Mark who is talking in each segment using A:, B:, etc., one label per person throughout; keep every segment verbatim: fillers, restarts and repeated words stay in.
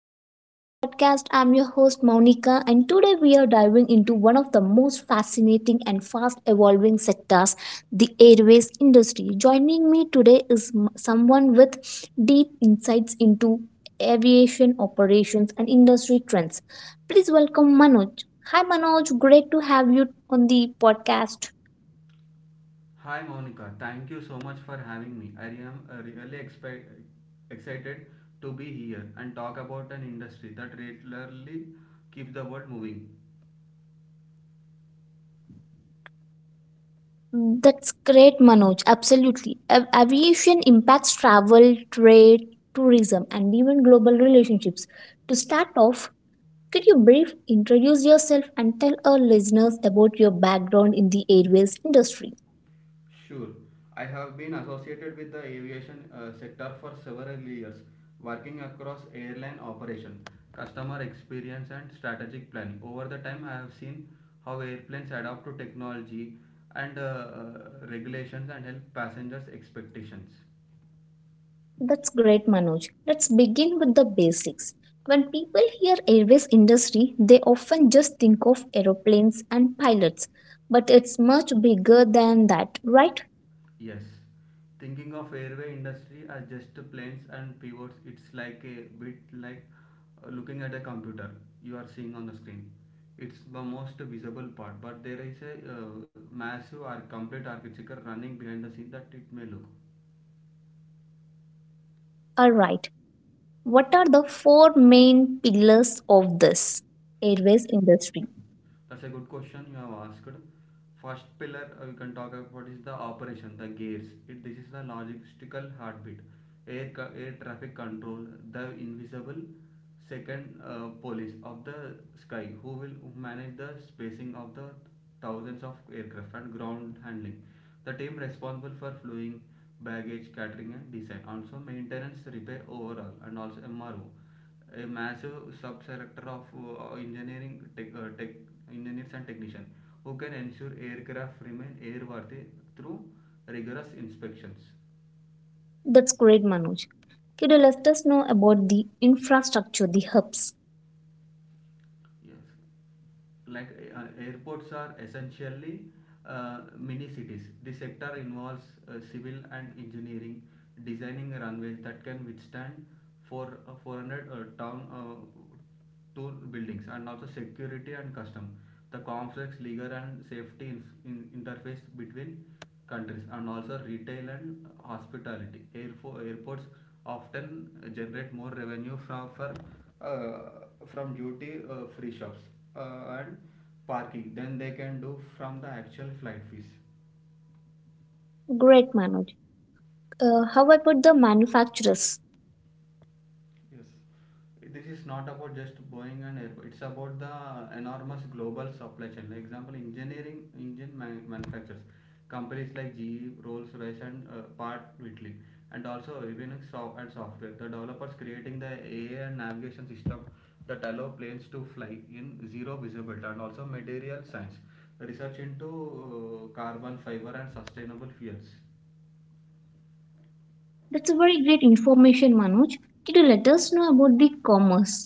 A: welcome to the podcast. I'm your host Monica, and today we are diving into one of the most fascinating and fast evolving sectors, the airways industry. Joining me today is m- someone with deep insights into aviation operations and industry trends. Please welcome Manoj. Hi Manoj, great to have you on the podcast.
B: Hi Monica, thank you so much for having me. I am uh, really expe- excited to be here and talk about an industry that regularly keeps the world moving.
A: That's great, Manoj. Absolutely. Av- aviation impacts travel, trade, tourism, and even global relationships. To start off, could you brief introduce yourself and tell our listeners about your background in the airways industry?
B: Sure, I have been associated with the aviation uh, sector for several years, working across airline operation, customer experience, and strategic planning. Over the time, I have seen how airplanes adapt to technology and uh, uh, regulations and help passengers' expectations.
A: That's great, Manoj. Let's begin with the basics. When people hear airways industry, they often just think of aeroplanes and pilots, but it's much bigger than that, right?
B: Yes, thinking of airway industry as just planes and pivots, it's like a bit like uh, looking at a computer you are seeing on the screen. It's the most visible part, but there is a uh, massive or complete architecture running behind the scene that it may look.
A: All right. What are the four main pillars of this airways industry?
B: That's a good question you have asked. First pillar uh, we can talk about is the operation, the gears. It, this is the logistical heartbeat. Air, Air traffic control, the invisible second uh, police of the sky who will manage the spacing of the thousands of aircraft and ground handling. The team responsible for flying, baggage, catering and design. Also maintenance, repair overall and also M R O. A massive subsector of uh, engineering tech, uh, tech engineers and technicians who can ensure aircraft remain airworthy through rigorous inspections.
A: That's great, Manoj. Could you let us know about the infrastructure, the hubs?
B: Yes, like uh, airports are essentially uh, mini cities. This sector involves uh, civil and engineering designing runways that can withstand for uh, four hundred uh, town uh, to buildings, and also security and custom, the complex legal and safety in, in interface between countries, and also retail and hospitality. Airfo- airports often generate more revenue from for, uh, from duty uh, free shops uh, and parking than they can do from the actual flight fees.
A: Great, Manoj. Uh, how about the manufacturers?
B: Yes, this is not about just Boeing and Airbus. It's about the enormous global supply chain. Like example, engineering engine man- manufacturers, companies like G E, Rolls Royce, and uh, Part Whitley, and also Avionics so- and software. The developers creating the A I and navigation system that allow planes to fly in zero visibility, and also material science, research into uh, carbon fiber and sustainable fuels.
A: That's a very great information, Manoj. Could you let us know about the commerce?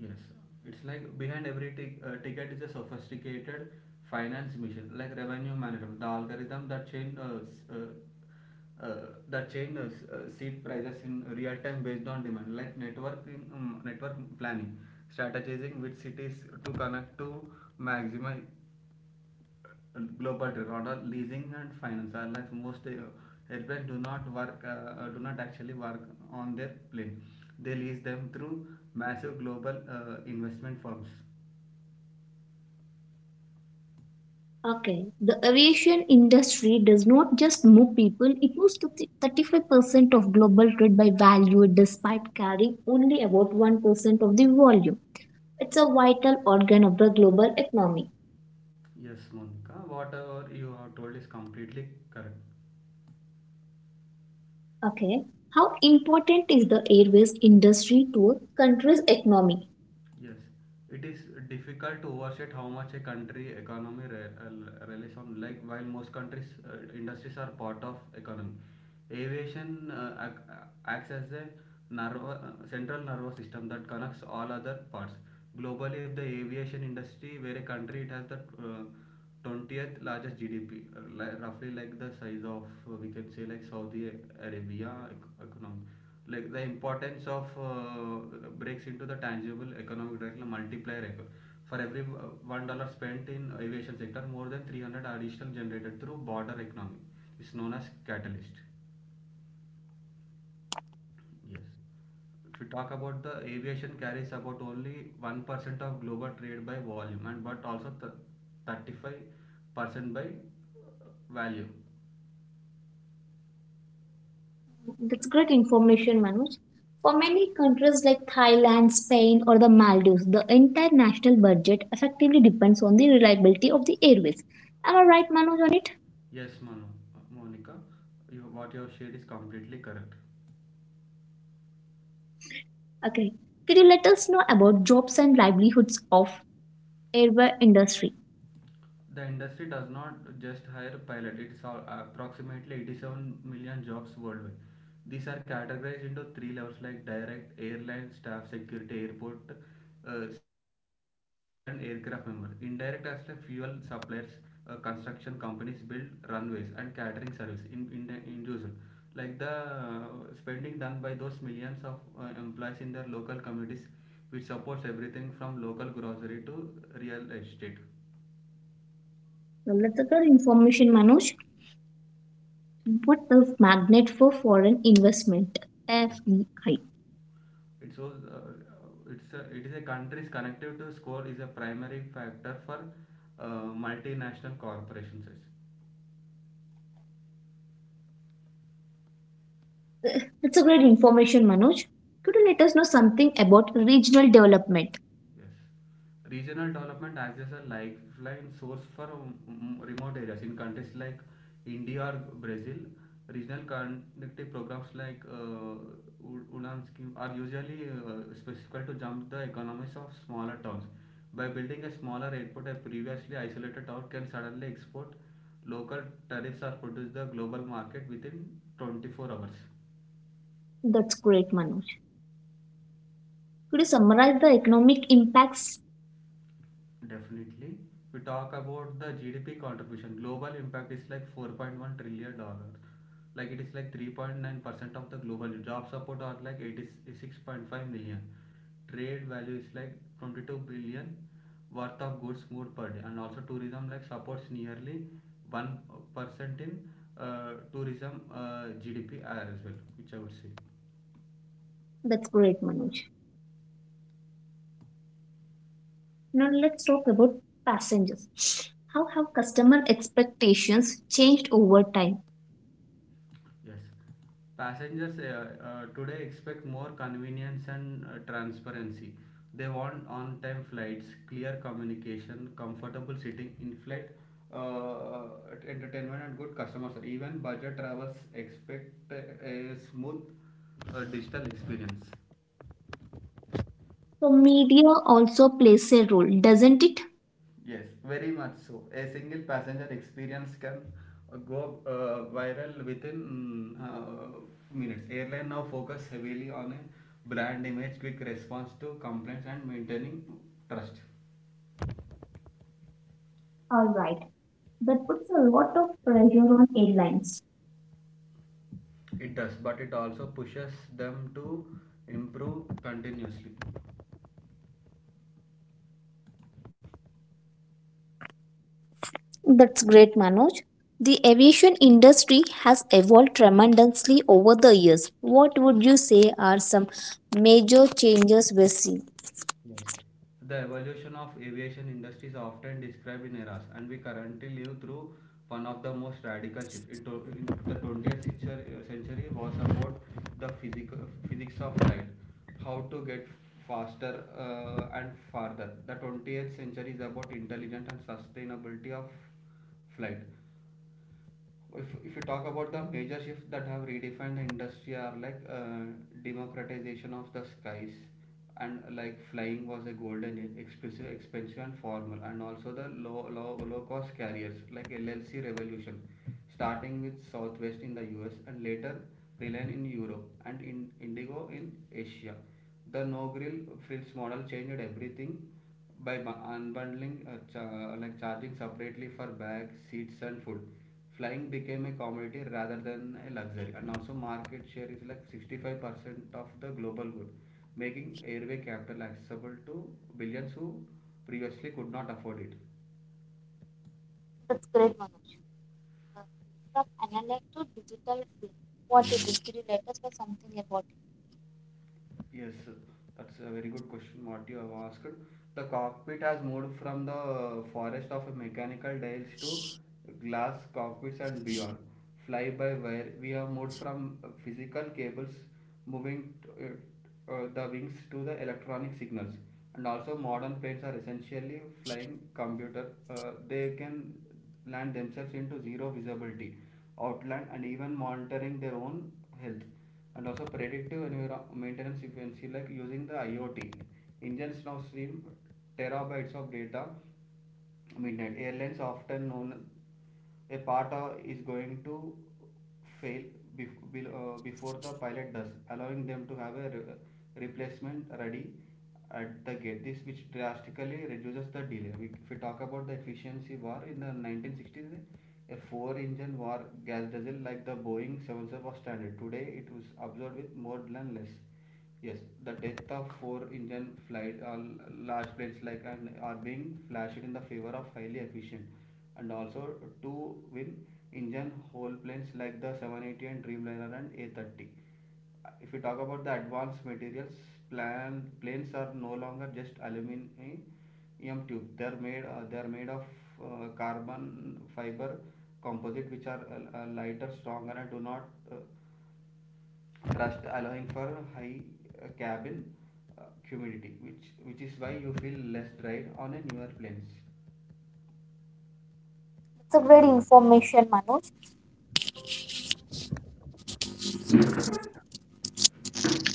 B: Yes, it's like behind every tic- uh, ticket is a sophisticated finance mission, like revenue management, the algorithm that chain uh, s- uh, uh, that chain uh, s- uh, seed prices in real time based on demand, like networking um, network planning, strategizing which cities to connect to maximize global tour order. Leasing and finance are like most uh, airplanes do not work uh, uh, do not actually work on their plane. They lease them through massive global uh, investment firms.
A: Okay, the aviation industry does not just move people, it moves to thirty-five percent of global trade by value despite carrying only about one percent of the volume. It's a vital organ of the global economy.
B: Yes, Monica, whatever you have told is completely correct.
A: Okay. How important is the airways industry to a country's economy?
B: Yes, it is difficult to overstate how much a country economy re- uh, relies on. Like while most countries uh, industries are part of economy, aviation uh, ac- uh, acts as a nervo- uh, central nervous system that connects all other parts. Globally, if the aviation industry where a country it has the uh, twentieth largest G D P, uh, li- roughly like the size of, uh, we can say, like Saudi Arabia ec- economy. Like the importance of uh, breaks into the tangible economic directly multiplier. Eco- For every uh, one dollar spent in aviation sector, more than three hundred additional generated through border economy. It's known as catalyst. Yes. If you talk about the aviation carries about only one percent of global trade by volume, and but also th- thirty-five percent by value.
A: That's great information, Manoj. For many countries like Thailand, Spain, or the Maldives, the entire national budget effectively depends on the reliability of the airways. Am I right, Manoj, on it?
B: Yes, Manu, Monica, you, what you have shared is completely correct.
A: Okay. Could you let us know about jobs and livelihoods of airway industry?
B: The industry does not just hire pilots, it's sol- approximately eighty-seven million jobs worldwide. These are categorized into three levels like direct, airline, staff, security, airport uh, security, and aircraft members. Indirect as like fuel suppliers, uh, construction companies build runways, and catering service in, in, in usual. Like the uh, spending done by those millions of uh, employees in their local communities, which supports everything from local grocery to real estate.
A: Well, that's a good information, Manoj. What a magnet for foreign investment. F D I.
B: It's all, uh, it's a, it is a country's connective to score is a primary factor for uh, multinational corporations.
A: That's a great information, Manoj. Could you let us know something about regional development?
B: Yes. Regional development acts as a lifeline source for um, remote areas. In countries like India or Brazil, regional connectivity programs like uh, U- UDAN scheme are usually uh, specific to jump the economies of smaller towns. By building a smaller airport, a previously isolated town can suddenly export local tariffs or produce the global market within twenty-four hours.
A: That's great, Manoj. Could you summarize the economic impacts?
B: Definitely. We talk about the G D P contribution. Global impact is like four point one trillion dollars. Like it is like three point nine percent of the global job support are like eighty-six point five million. Trade value is like twenty-two billion worth of goods moved per day. And also tourism like supports nearly one percent in uh, tourism uh, G D P as well, which I would say.
A: That's great, Manoj. Now let's talk about passengers. How have customer expectations changed over time?
B: Yes. Passengers uh, uh, today expect more convenience and uh, transparency. They want on time flights, clear communication, comfortable sitting, in flight uh, entertainment, and good customer service. Even budget travelers expect a, a smooth uh, digital experience.
A: So media also plays a role, doesn't it?
B: Yes, very much so. A single passenger experience can uh, go uh, viral within mm, uh, minutes. Airline now focus heavily on a brand image, quick response to complaints, and maintaining trust.
A: All right. That puts a lot of pressure on airlines.
B: It does, but it also pushes them to improve continuously.
A: That's great, Manoj. The aviation industry has evolved tremendously over the years. What would you say are some major changes we're seeing?
B: Yes. The evolution of aviation industry is often described in eras, and we currently live through one of the most radical shifts. It, to- in the twentieth century, uh, century was about the physical, physics of light, how to get faster uh, and farther. The twentieth century is about intelligence and sustainability of flight. If if you talk about the major shifts that have redefined the industry are like uh, democratization of the skies, and like flying was a golden age, expensive expensive and formal, and also the low low low cost carriers like LLC revolution, starting with Southwest in the US, and later Reliant in Europe and in Indigo in Asia. The no grill frills model changed everything by bu- unbundling uh, cha- like charging separately for bags, seats and food. Flying became a commodity rather than a luxury, and also market share is like sixty-five percent of the global good, making airway capital accessible to billions who previously could not afford it.
A: That's great, Manoj. Uh, From analog to digital, twin. What is it? Is? Could you let us know something about
B: Yes, that's a very good question what you have asked. The cockpit has moved from the forest of mechanical dials to glass cockpits and beyond. Fly by wire, we have moved from physical cables moving t- uh, uh, the wings to the electronic signals, and also modern planes are essentially flying computer. Uh, they can land themselves into zero visibility outland and even monitoring their own health, and also predictive enviro- maintenance efficiency like using the IoT. Engines now stream terabytes of data midnight. Airlines often known a part of is going to fail bef- bel- uh, before the pilot does, allowing them to have a re- replacement ready at the gate. This which drastically reduces the delay. We, if we talk about the efficiency war in the nineteen sixties, a four-engine war gas diesel like the Boeing seven seventy-seven was standard. Today, it was absorbed with more than less. Yes, the death of four-engine flight, uh, large planes like and are being flashed in the favor of highly efficient, and also two-win engine whole planes like the seven eighty and Dreamliner and A thirty. If we talk about the advanced materials, plan, planes are no longer just aluminum tube. They are made uh, they are made of uh, carbon fiber composite, which are uh, uh, lighter, stronger, and do not uh, thrust, allowing for high uh, cabin uh, humidity, which which is why you feel less dried on a newer planes.
A: it? That's a great information, Manoj.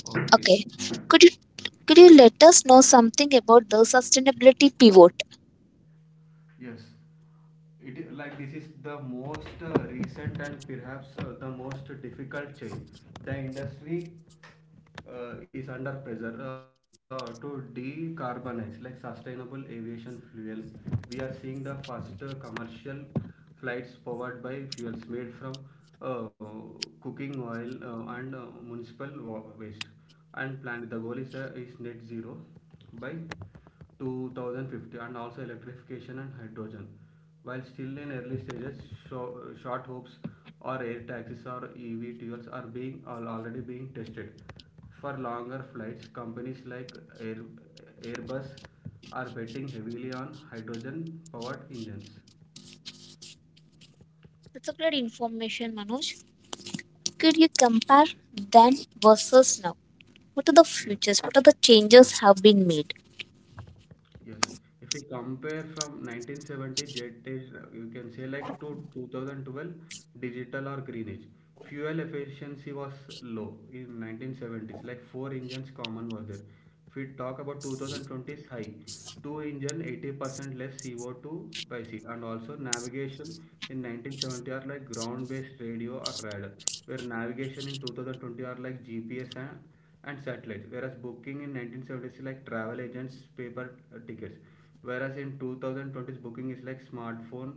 B: Okay.
A: Okay. Could you could you let us know something about the sustainability pivot?
B: Yes, it is like this is the most uh, recent and perhaps uh, the most difficult change. The industry uh, is under pressure uh, to decarbonize, like sustainable aviation fuel. We are seeing the first uh, commercial flights powered by fuels made from uh, cooking oil uh, and uh, municipal waste, and planned the goal is, uh, is net zero by two thousand fifty, and also electrification and hydrogen. While still in early stages, short hopes or air taxis or EV fuels are being are already being tested. For longer flights, companies like Air, Airbus are betting heavily on hydrogen-powered engines.
A: That's a great information, Manoj. Could you compare then versus now? What are the
B: Yes,
A: futures? What are the changes have been made?
B: yes. If we compare from nineteen seventy jet age, uh, you can say like to twenty twelve digital or green age. Fuel efficiency was low in nineteen seventies, like four engines common was there. If we talk about twenty twenties high, two engine eighty percent less C O two by seat, and also navigation in nineteen seventy are like ground based radio or radar, where navigation in two thousand twenty are like G P S and, and satellites, whereas booking in nineteen seventy is like travel agents paper uh, tickets, whereas in twenty twenties booking is like smartphone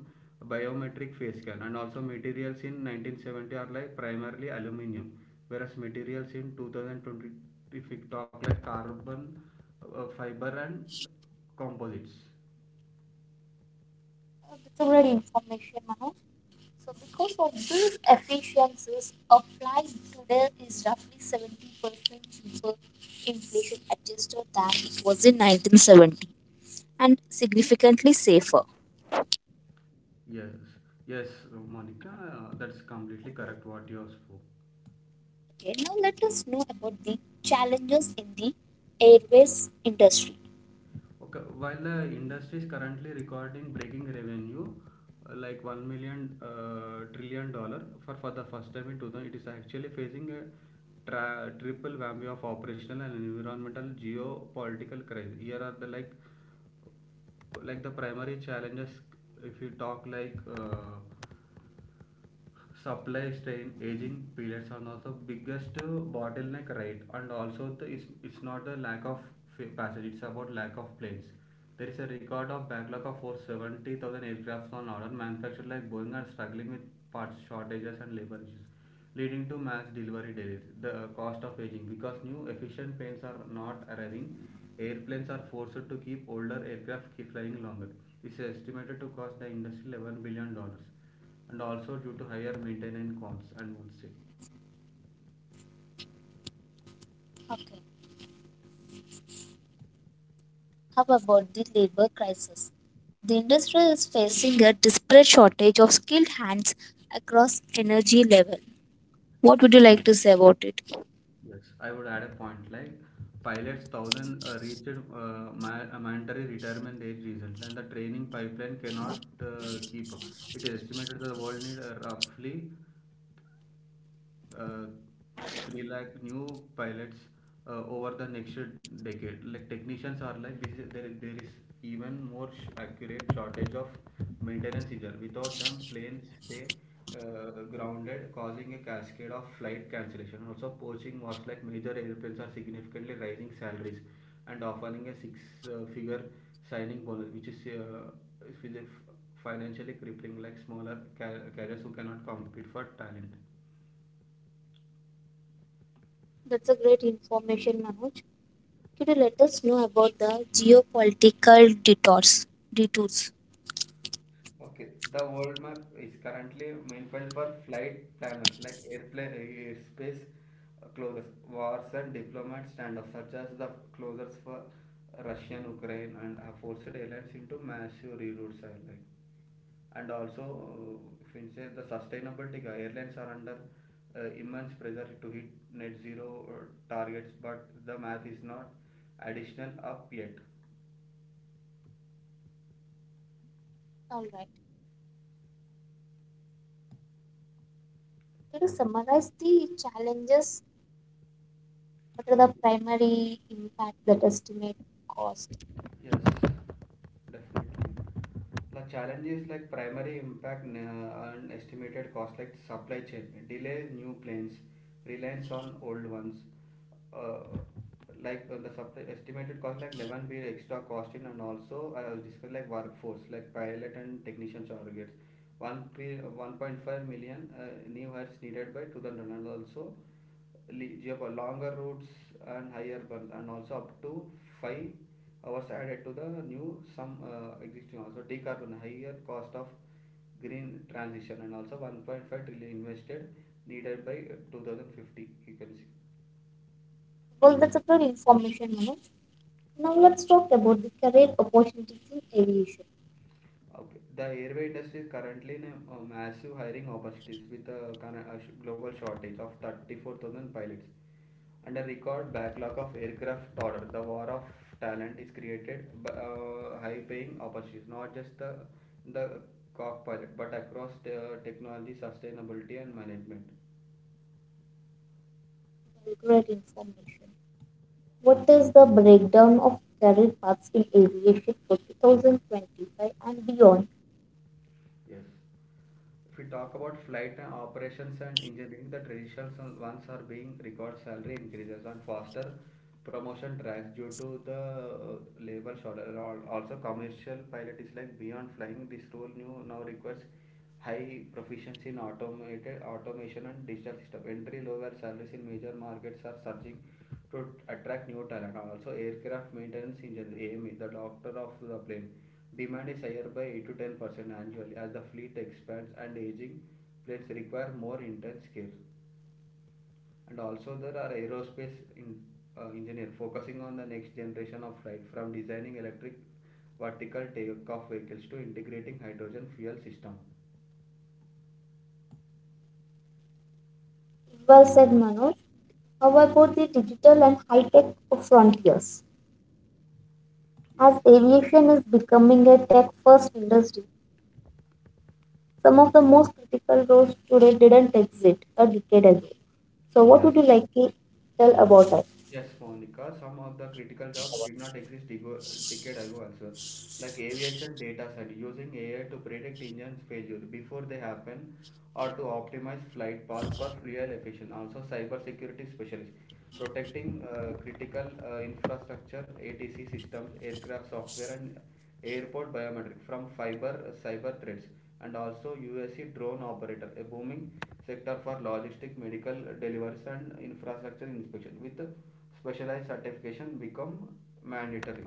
B: biometric face scan, and also materials in nineteen seventy are like primarily aluminum, whereas materials in twenty twenty, if we talk like carbon uh, fiber and composites.
A: That's a great information, Manoj. So, because of these efficiencies, applied today is roughly seventy percent cheaper inflation adjusted than it was in nineteen seventy, and significantly safer.
B: Yes, yes, uh, Monica, uh, that's completely correct what you have spoke.
A: Okay, now let us know about the challenges in the airways industry.
B: Okay, while the industry is currently recording breaking revenue, uh, like one million uh, trillion dollar for for the first time in two thousand, it is actually facing a tra- triple whammy of operational and environmental geopolitical crisis. Here are the like like the primary challenges if you talk like uh, supply strain aging periods are also biggest uh, bottleneck, right? And also the, it's, it's not the lack of passage, it's about lack of planes. There is a record of backlog of over seventy thousand aircrafts on order. Manufacturers like Boeing are struggling with parts shortages and labor issues, leading to mass delivery delays. The uh, cost of aging, because new efficient planes are not arriving, airplanes are forced to keep older aircraft keep flying longer. This is estimated to cost the industry eleven billion dollars, and also due to higher maintenance costs, and would say
A: Okay, how about the labor crisis? The industry is facing a desperate shortage of skilled hands across energy level. What would you like to say about it?
B: yes, I would add a point like pilots one thousand uh, reached uh, ma- a mandatory retirement age recently, and the training pipeline cannot uh, keep up. It is estimated that the world need uh, roughly uh, three lakh new pilots uh, over the next decade. Like technicians are like this is, there, there is even more sh- accurate shortage of maintenance either. Without them planes stay uh, grounded, causing a cascade of flight cancellation. Also poaching wars, like major airplanes are significantly rising salaries and offering a six uh, figure signing bonus, which is uh, which is financially crippling, like smaller car- carriers who cannot compete for talent.
A: That's a great information, Manoj. Could you let us know about the geopolitical detours? Detours.
B: Okay, the world map is currently meanwhile for flight planners, like airplane, airspace uh, closures, wars and diplomat standoffs such as the closures for Russian, Ukraine, and have forced airlines into massive reroutes are like. And also, uh, if you say the sustainability, uh, airlines are under uh, immense pressure to hit net zero uh, targets, but the math is not additional up yet.
A: All right. Could you summarize the challenges? What are the primary impact that estimate cost?
B: Yes, definitely. The challenge is like primary impact n- and estimated cost like supply chain, delay new planes, reliance on old ones. Uh, like uh, the supply, estimated cost like eleven be extra cost in, and also I was discussed like workforce, like pilot and technician targets. One pre, one point five million uh, new hires needed by two thousand, and also le- geopo- longer routes and higher burns, and also up to five uh, was added to the new some uh, existing, also decarbon higher cost of green transition, and also one point five trillion invested needed by uh, two thousand fifty, you can see.
A: Well, that's a good information, Manoj. Now let's talk about the career opportunities in aviation.
B: Okay, the airway industry is currently in a, a massive hiring opportunities with a, kind of a global shortage of thirty-four thousand pilots and a record backlog of aircraft order. The war of talent is created by uh, high-paying opportunities, not just the the cockpit, but across the technology, sustainability, and management.
A: Well, great information. What is the breakdown of career paths in aviation for two thousand twenty-five and beyond?
B: Yes. If we talk about flight and operations and engineering, the traditional ones are being record salary increases and faster promotion tracks due to the uh, labor shortage. Also, commercial pilot is like beyond flying. This role new now requires high proficiency in automated automation and digital system. Entry level salaries in major markets are surging to attract new talent. Also, aircraft maintenance engineer A M E, the doctor of the plane. Demand is higher by eight to ten percent annually as the fleet expands and aging planes require more intense care. And also, there are aerospace in, uh, engineer focusing on the next generation of flight, from designing electric vertical takeoff vehicles to integrating hydrogen fuel system.
A: Well said, Manoj. How about the digital and high-tech frontiers?
B: Yes,
A: As aviation is becoming a tech-first industry, some of the most critical roles today didn't exist a decade ago. So what
B: yes.
A: would you like to tell about it?
B: Yes, Monica, some of the critical jobs did not exist dego- decade ago also, like aviation data study, using A I to predict engines failure before they happen or to optimize flight paths for fuel efficiency. Also, cybersecurity specialist, protecting uh, critical uh, infrastructure, A T C systems, aircraft software, and airport biometric from fiber uh, cyber threats. And also U S C drone operator, a booming sector for logistic, medical deliveries and infrastructure inspection, with specialized certification become mandatory.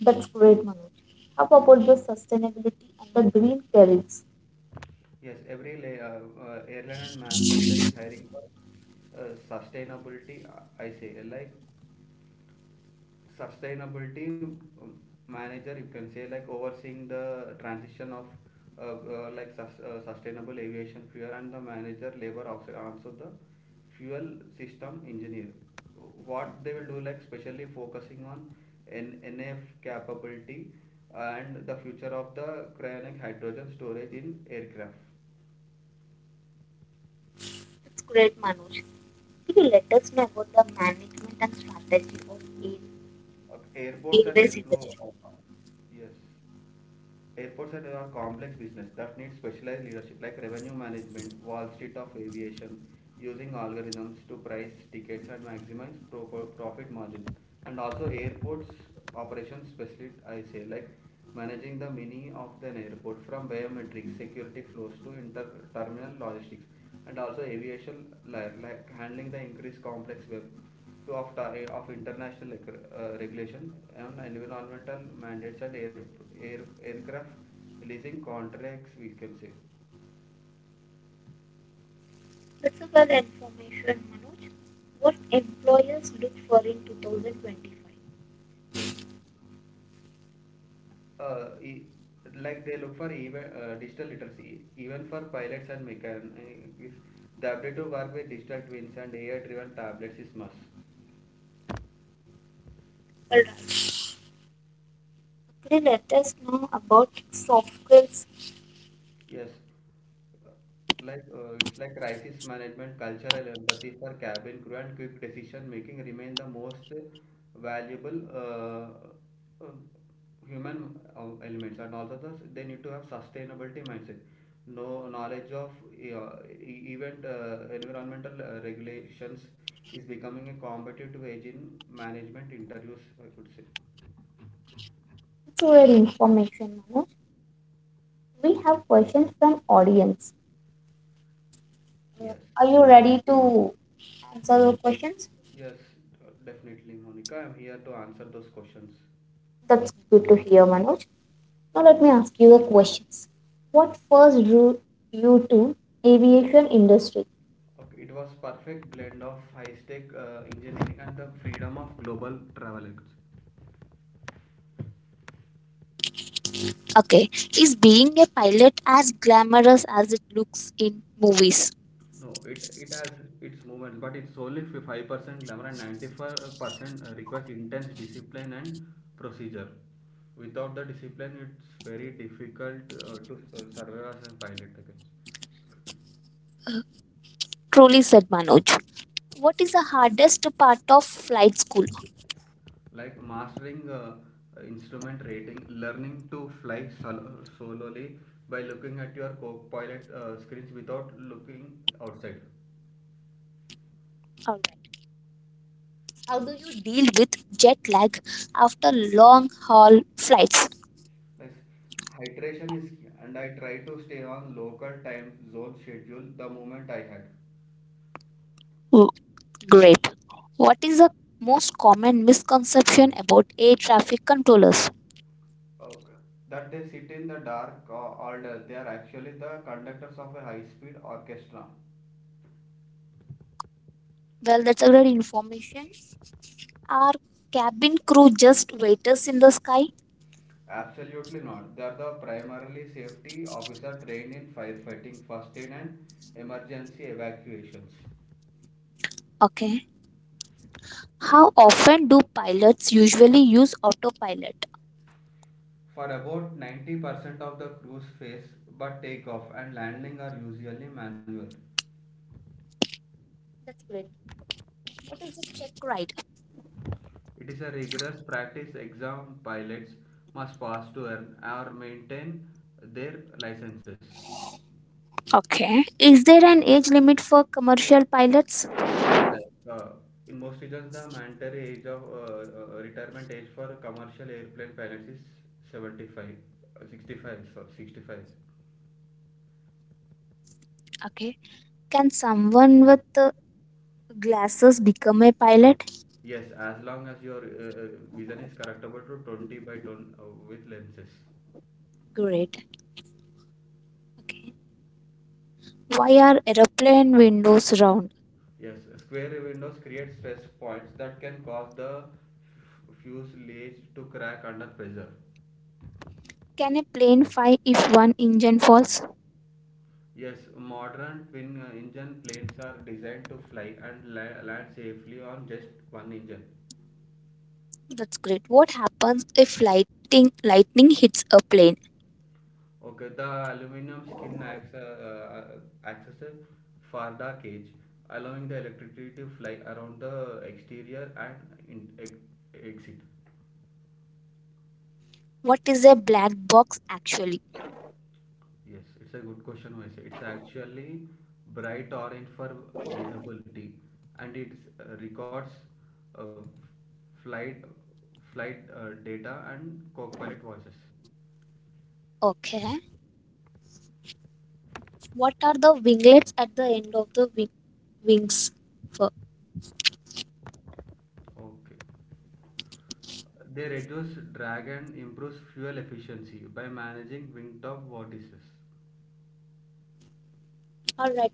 A: That's great, Manoj. How about the sustainability and the green careers?
B: Yes, every la- uh, uh, airline and manufacturer is hiring for uh, sustainability. uh, I say like sustainability um, manager, you can say, like overseeing the transition of uh, uh, like sus- uh, sustainable aviation fuel, and the manager labor officer. Also the fuel system engineer, what they will do, like specially focusing on N- nf capability and the future of the cryonic hydrogen storage in aircraft.
A: That's great, Manoj. Could you let us know about the management and strategy of air-
B: Okay, airports and
A: airways
B: airflow.
A: industry?
B: Yes. Airports are a complex business that needs specialized leadership, like revenue management, Wall Street of aviation, using algorithms to price tickets and maximize pro- pro- profit margin. And also airports operations specialist, I say, like managing the mini of an airport from biometrics, security flows to inter-terminal logistics. And also aviation, like, like handling the increased complex web to of, ti- of international reg- uh, regulation on environmental mandates, and air, air, aircraft leasing contracts, we can say.
A: That's a well information, Manoj. What employers look for in twenty twenty-five?
B: Yes. Uh, e- like they look for even uh, digital literacy, even for pilots and mechanics. The ability to work with digital twins and A I-driven tablets is must.
A: Well. Okay, let us know about soft skills.
B: Yes. Like uh, it's like crisis management, cultural empathy for cabin crew, and quick decision making remain the most valuable uh, uh, human uh, elements. And also, the, they need to have sustainability mindset, no knowledge of uh, e- event uh, environmental uh, regulations is becoming a competitive edge in management interviews, I could say.
A: Cultural information, Manoj. We have questions from audience. Uh,
B: Yes,
A: Are you ready to answer the questions?
B: yes, uh, definitely, Monica. I'm here to answer those questions.
A: That's good to hear, Manoj. Now let me ask you the questions. What first drew you to aviation industry?
B: Okay, it was perfect blend of high-tech uh, engineering and the freedom of global travel. Acts.
A: Okay, is being a pilot as glamorous as it looks in movies?
B: No, it, it has its moments, but it's only five percent glamour and ninety-five percent requires intense discipline and procedure. Without the discipline, it's very difficult uh, to uh, survive as a pilot. I
A: Truly said Manoj. What is the hardest part of flight school?
B: like mastering uh, instrument rating, learning to fly sol- solely by looking at your co-pilot uh, screens without looking outside.
A: All right. How do you deal with jet lag after long haul flights?
B: Yes, hydration is key, and I try to stay on local time zone schedule the moment I had.
A: Mm. Great. What is the most common misconception about air traffic controllers?
B: Okay. That they sit in the dark or all day. They are actually the conductors of a high-speed orchestra.
A: Well, that's a great information. Are cabin crew just waiters in the sky?
B: Absolutely not. They are the primarily safety officer, trained in firefighting, first aid, and emergency evacuations.
A: Okay. How often do pilots usually use autopilot?
B: For about ninety percent of the crews face, but takeoff and landing are usually manual.
A: That's great. What is the check ride?
B: It is a rigorous practice exam pilots must pass to earn or maintain their licenses.
A: Okay. Is there an age limit for commercial pilots?
B: Like uh, in most regions, the mandatory age of uh, uh, retirement age for commercial airplane pilots is seventy-five, uh, sixty-five, sorry, sixty-five.
A: Okay. Can someone with uh, glasses become a pilot?
B: Yes, as long as your uh, uh, vision is correctable to twenty by ten uh, with lenses.
A: Great. Okay. Why are aeroplane windows round?
B: Yes, square windows create stress points that can cause the f- fuselage to crack under pressure.
A: Can a plane fly if one engine falls?
B: Yes, modern twin uh, engine planes are designed to fly and la- land safely on just one engine.
A: That's great. What happens if lightning lightning hits a plane?
B: Okay, the aluminum skin acts, uh, uh, acts as a farda cage, allowing the electricity to fly around the exterior and in- ex- exit.
A: What is a black box actually?
B: Yes, it's a good question, Moise. It's actually bright orange for uh, visibility, and it uh, records uh, flight, flight uh, data and co pilot voices.
A: Okay. What are the winglets at the end of the wing, wings for?
B: Okay. They reduce drag and improves fuel efficiency by managing wingtop vortices.
A: All right.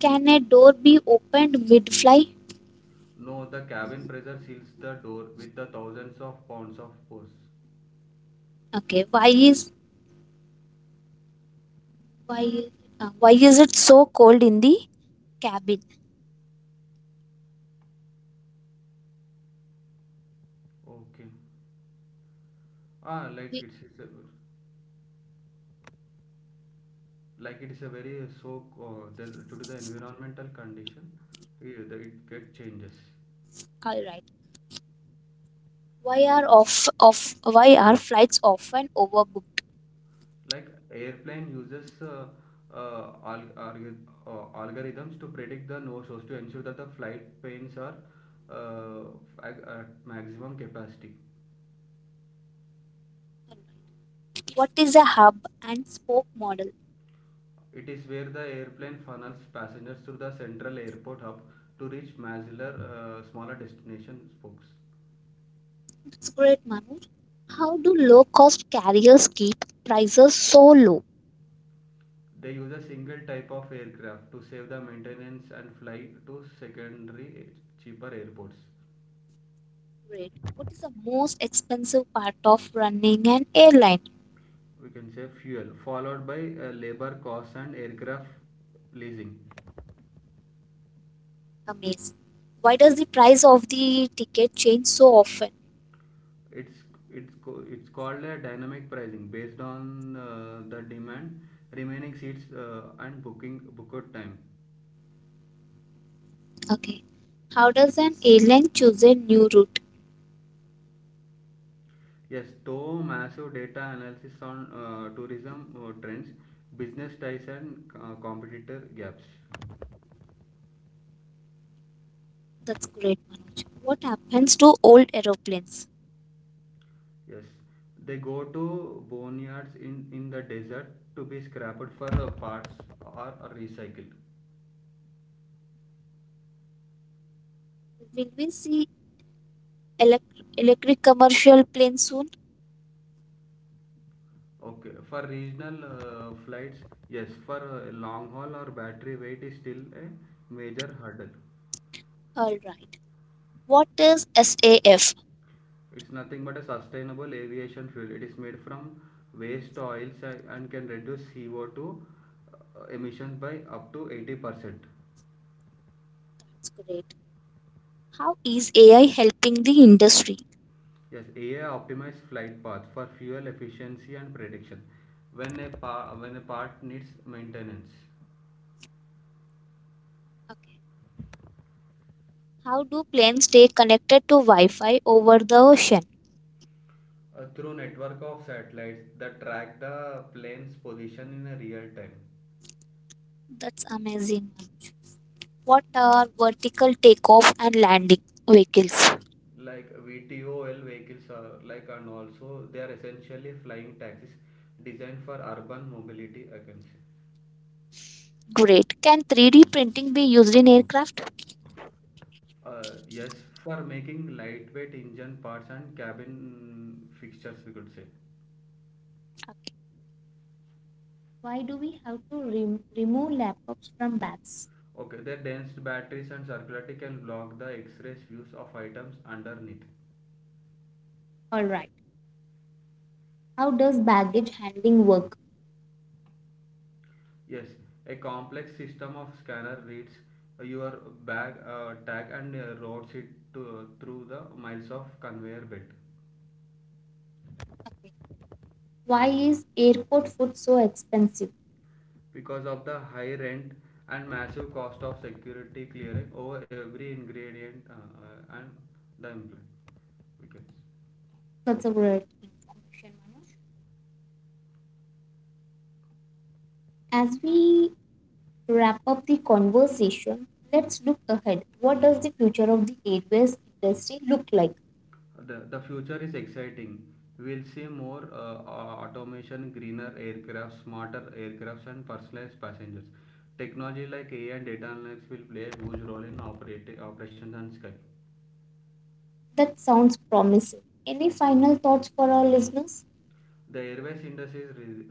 A: Can a door be opened mid fly?
B: No, the cabin pressure seals the door with the thousands of pounds of force.
A: Okay. Why is why uh, why is it so cold in the cabin?
B: Okay. Ah, like
A: We,
B: it's, it's a, like it is a very uh, so uh, the, due to the environmental condition, eh, the, it get changes.
A: all right. Why are off, off why are flights often overbooked?
B: Like airplane uses uh, uh, alg- alg- uh, algorithms to predict the nose holes to ensure that the flight planes are uh, ag- at maximum capacity.
A: What is a hub and spoke model?
B: It is where the airplane funnels passengers through the central airport hub to reach smaller, uh, smaller destination spokes.
A: It's great, Manoj. How do low cost carriers keep prices so low?
B: They use a single type of aircraft to save the maintenance and fly to secondary a- cheaper airports.
A: Great. What is the most expensive part of running an airline?
B: We can say fuel, followed by uh, labor costs and aircraft leasing.
A: Amazing. Why does the price of the ticket change so often?
B: it's it's co- it's called a dynamic pricing based on uh, the demand, remaining seats uh, and booking bookout time.
A: Okay. How does an airline choose a new route?
B: Yes, though massive data analysis on uh, tourism uh, trends, business ties, and uh, competitor gaps.
A: That's great, Manoj. What happens to old aeroplanes?
B: Yes, they go to boneyards in in the desert to be scrapped for uh, parts, or, or recycled.
A: Will we see elec- electric commercial plane soon?
B: Okay, for regional uh, flights, yes. For uh, long haul, or battery weight is still a major hurdle.
A: All right. What is S A F?
B: It's nothing but a sustainable aviation fuel. It is made from waste oils and can reduce C O two uh, emissions by up to eighty percent.
A: That's great. How is A I helping the industry?
B: Yes, A I optimized flight path for fuel efficiency and prediction when a, pa- when a part needs maintenance.
A: Okay. How do planes stay connected to Wi-Fi over the ocean?
B: Uh, through network of satellites that track the plane's position in a real time.
A: That's amazing. What are vertical takeoff and landing vehicles?
B: Like V TOL vehicles are like, and also they are essentially flying taxis designed for urban mobility, I can say.
A: Great. Can three D printing be used in aircraft?
B: Uh, yes, for making lightweight engine parts and cabin fixtures, we could say.
A: Okay. Why do we have to rem- remove laptops from bags?
B: Okay, their dense batteries and circularity can block the X-rays views of items underneath.
A: All right. How does baggage handling work?
B: Yes, a complex system of scanner reads your bag uh, tag and uh, routes it to, uh, through the miles of conveyor belt.
A: Why is airport food so expensive?
B: Because of the high rent and massive cost of security clearing over every ingredient uh, uh, and the implant, we can.
A: That's a great information, Manoj. As we wrap up the conversation, let's look ahead. What does the future of the airways industry look like?
B: The, the future is exciting. We'll see more uh, automation, greener aircraft, smarter aircrafts, and personalized passengers. Technology like A I and data analytics will play a huge role in operati- operations and sky.
A: That sounds promising. Any final thoughts for our listeners?
B: The airways industry is re-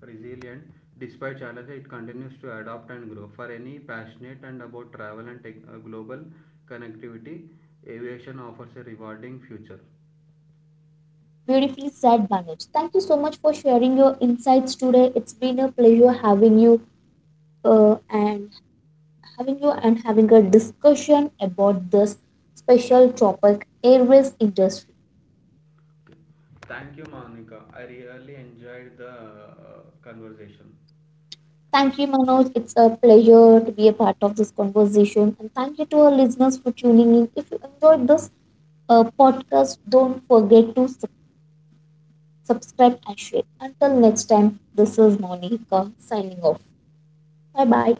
B: resilient despite challenges. It continues to adapt and grow. For any passionate and about travel and tech- uh, global connectivity, aviation offers a rewarding future.
A: Beautifully said, Manoj. Thank you so much for sharing your insights today. It's been a pleasure having you uh, and having you and having a discussion about this special topic, airways industry.
B: Thank you, Monica. I really enjoyed the uh, conversation.
A: Thank you, Manoj. It's a pleasure to be a part of this conversation. And thank you to our listeners for tuning in. If you enjoyed this uh, podcast, don't forget to sub- subscribe and share. Until next time, this is Monica signing off. Bye bye.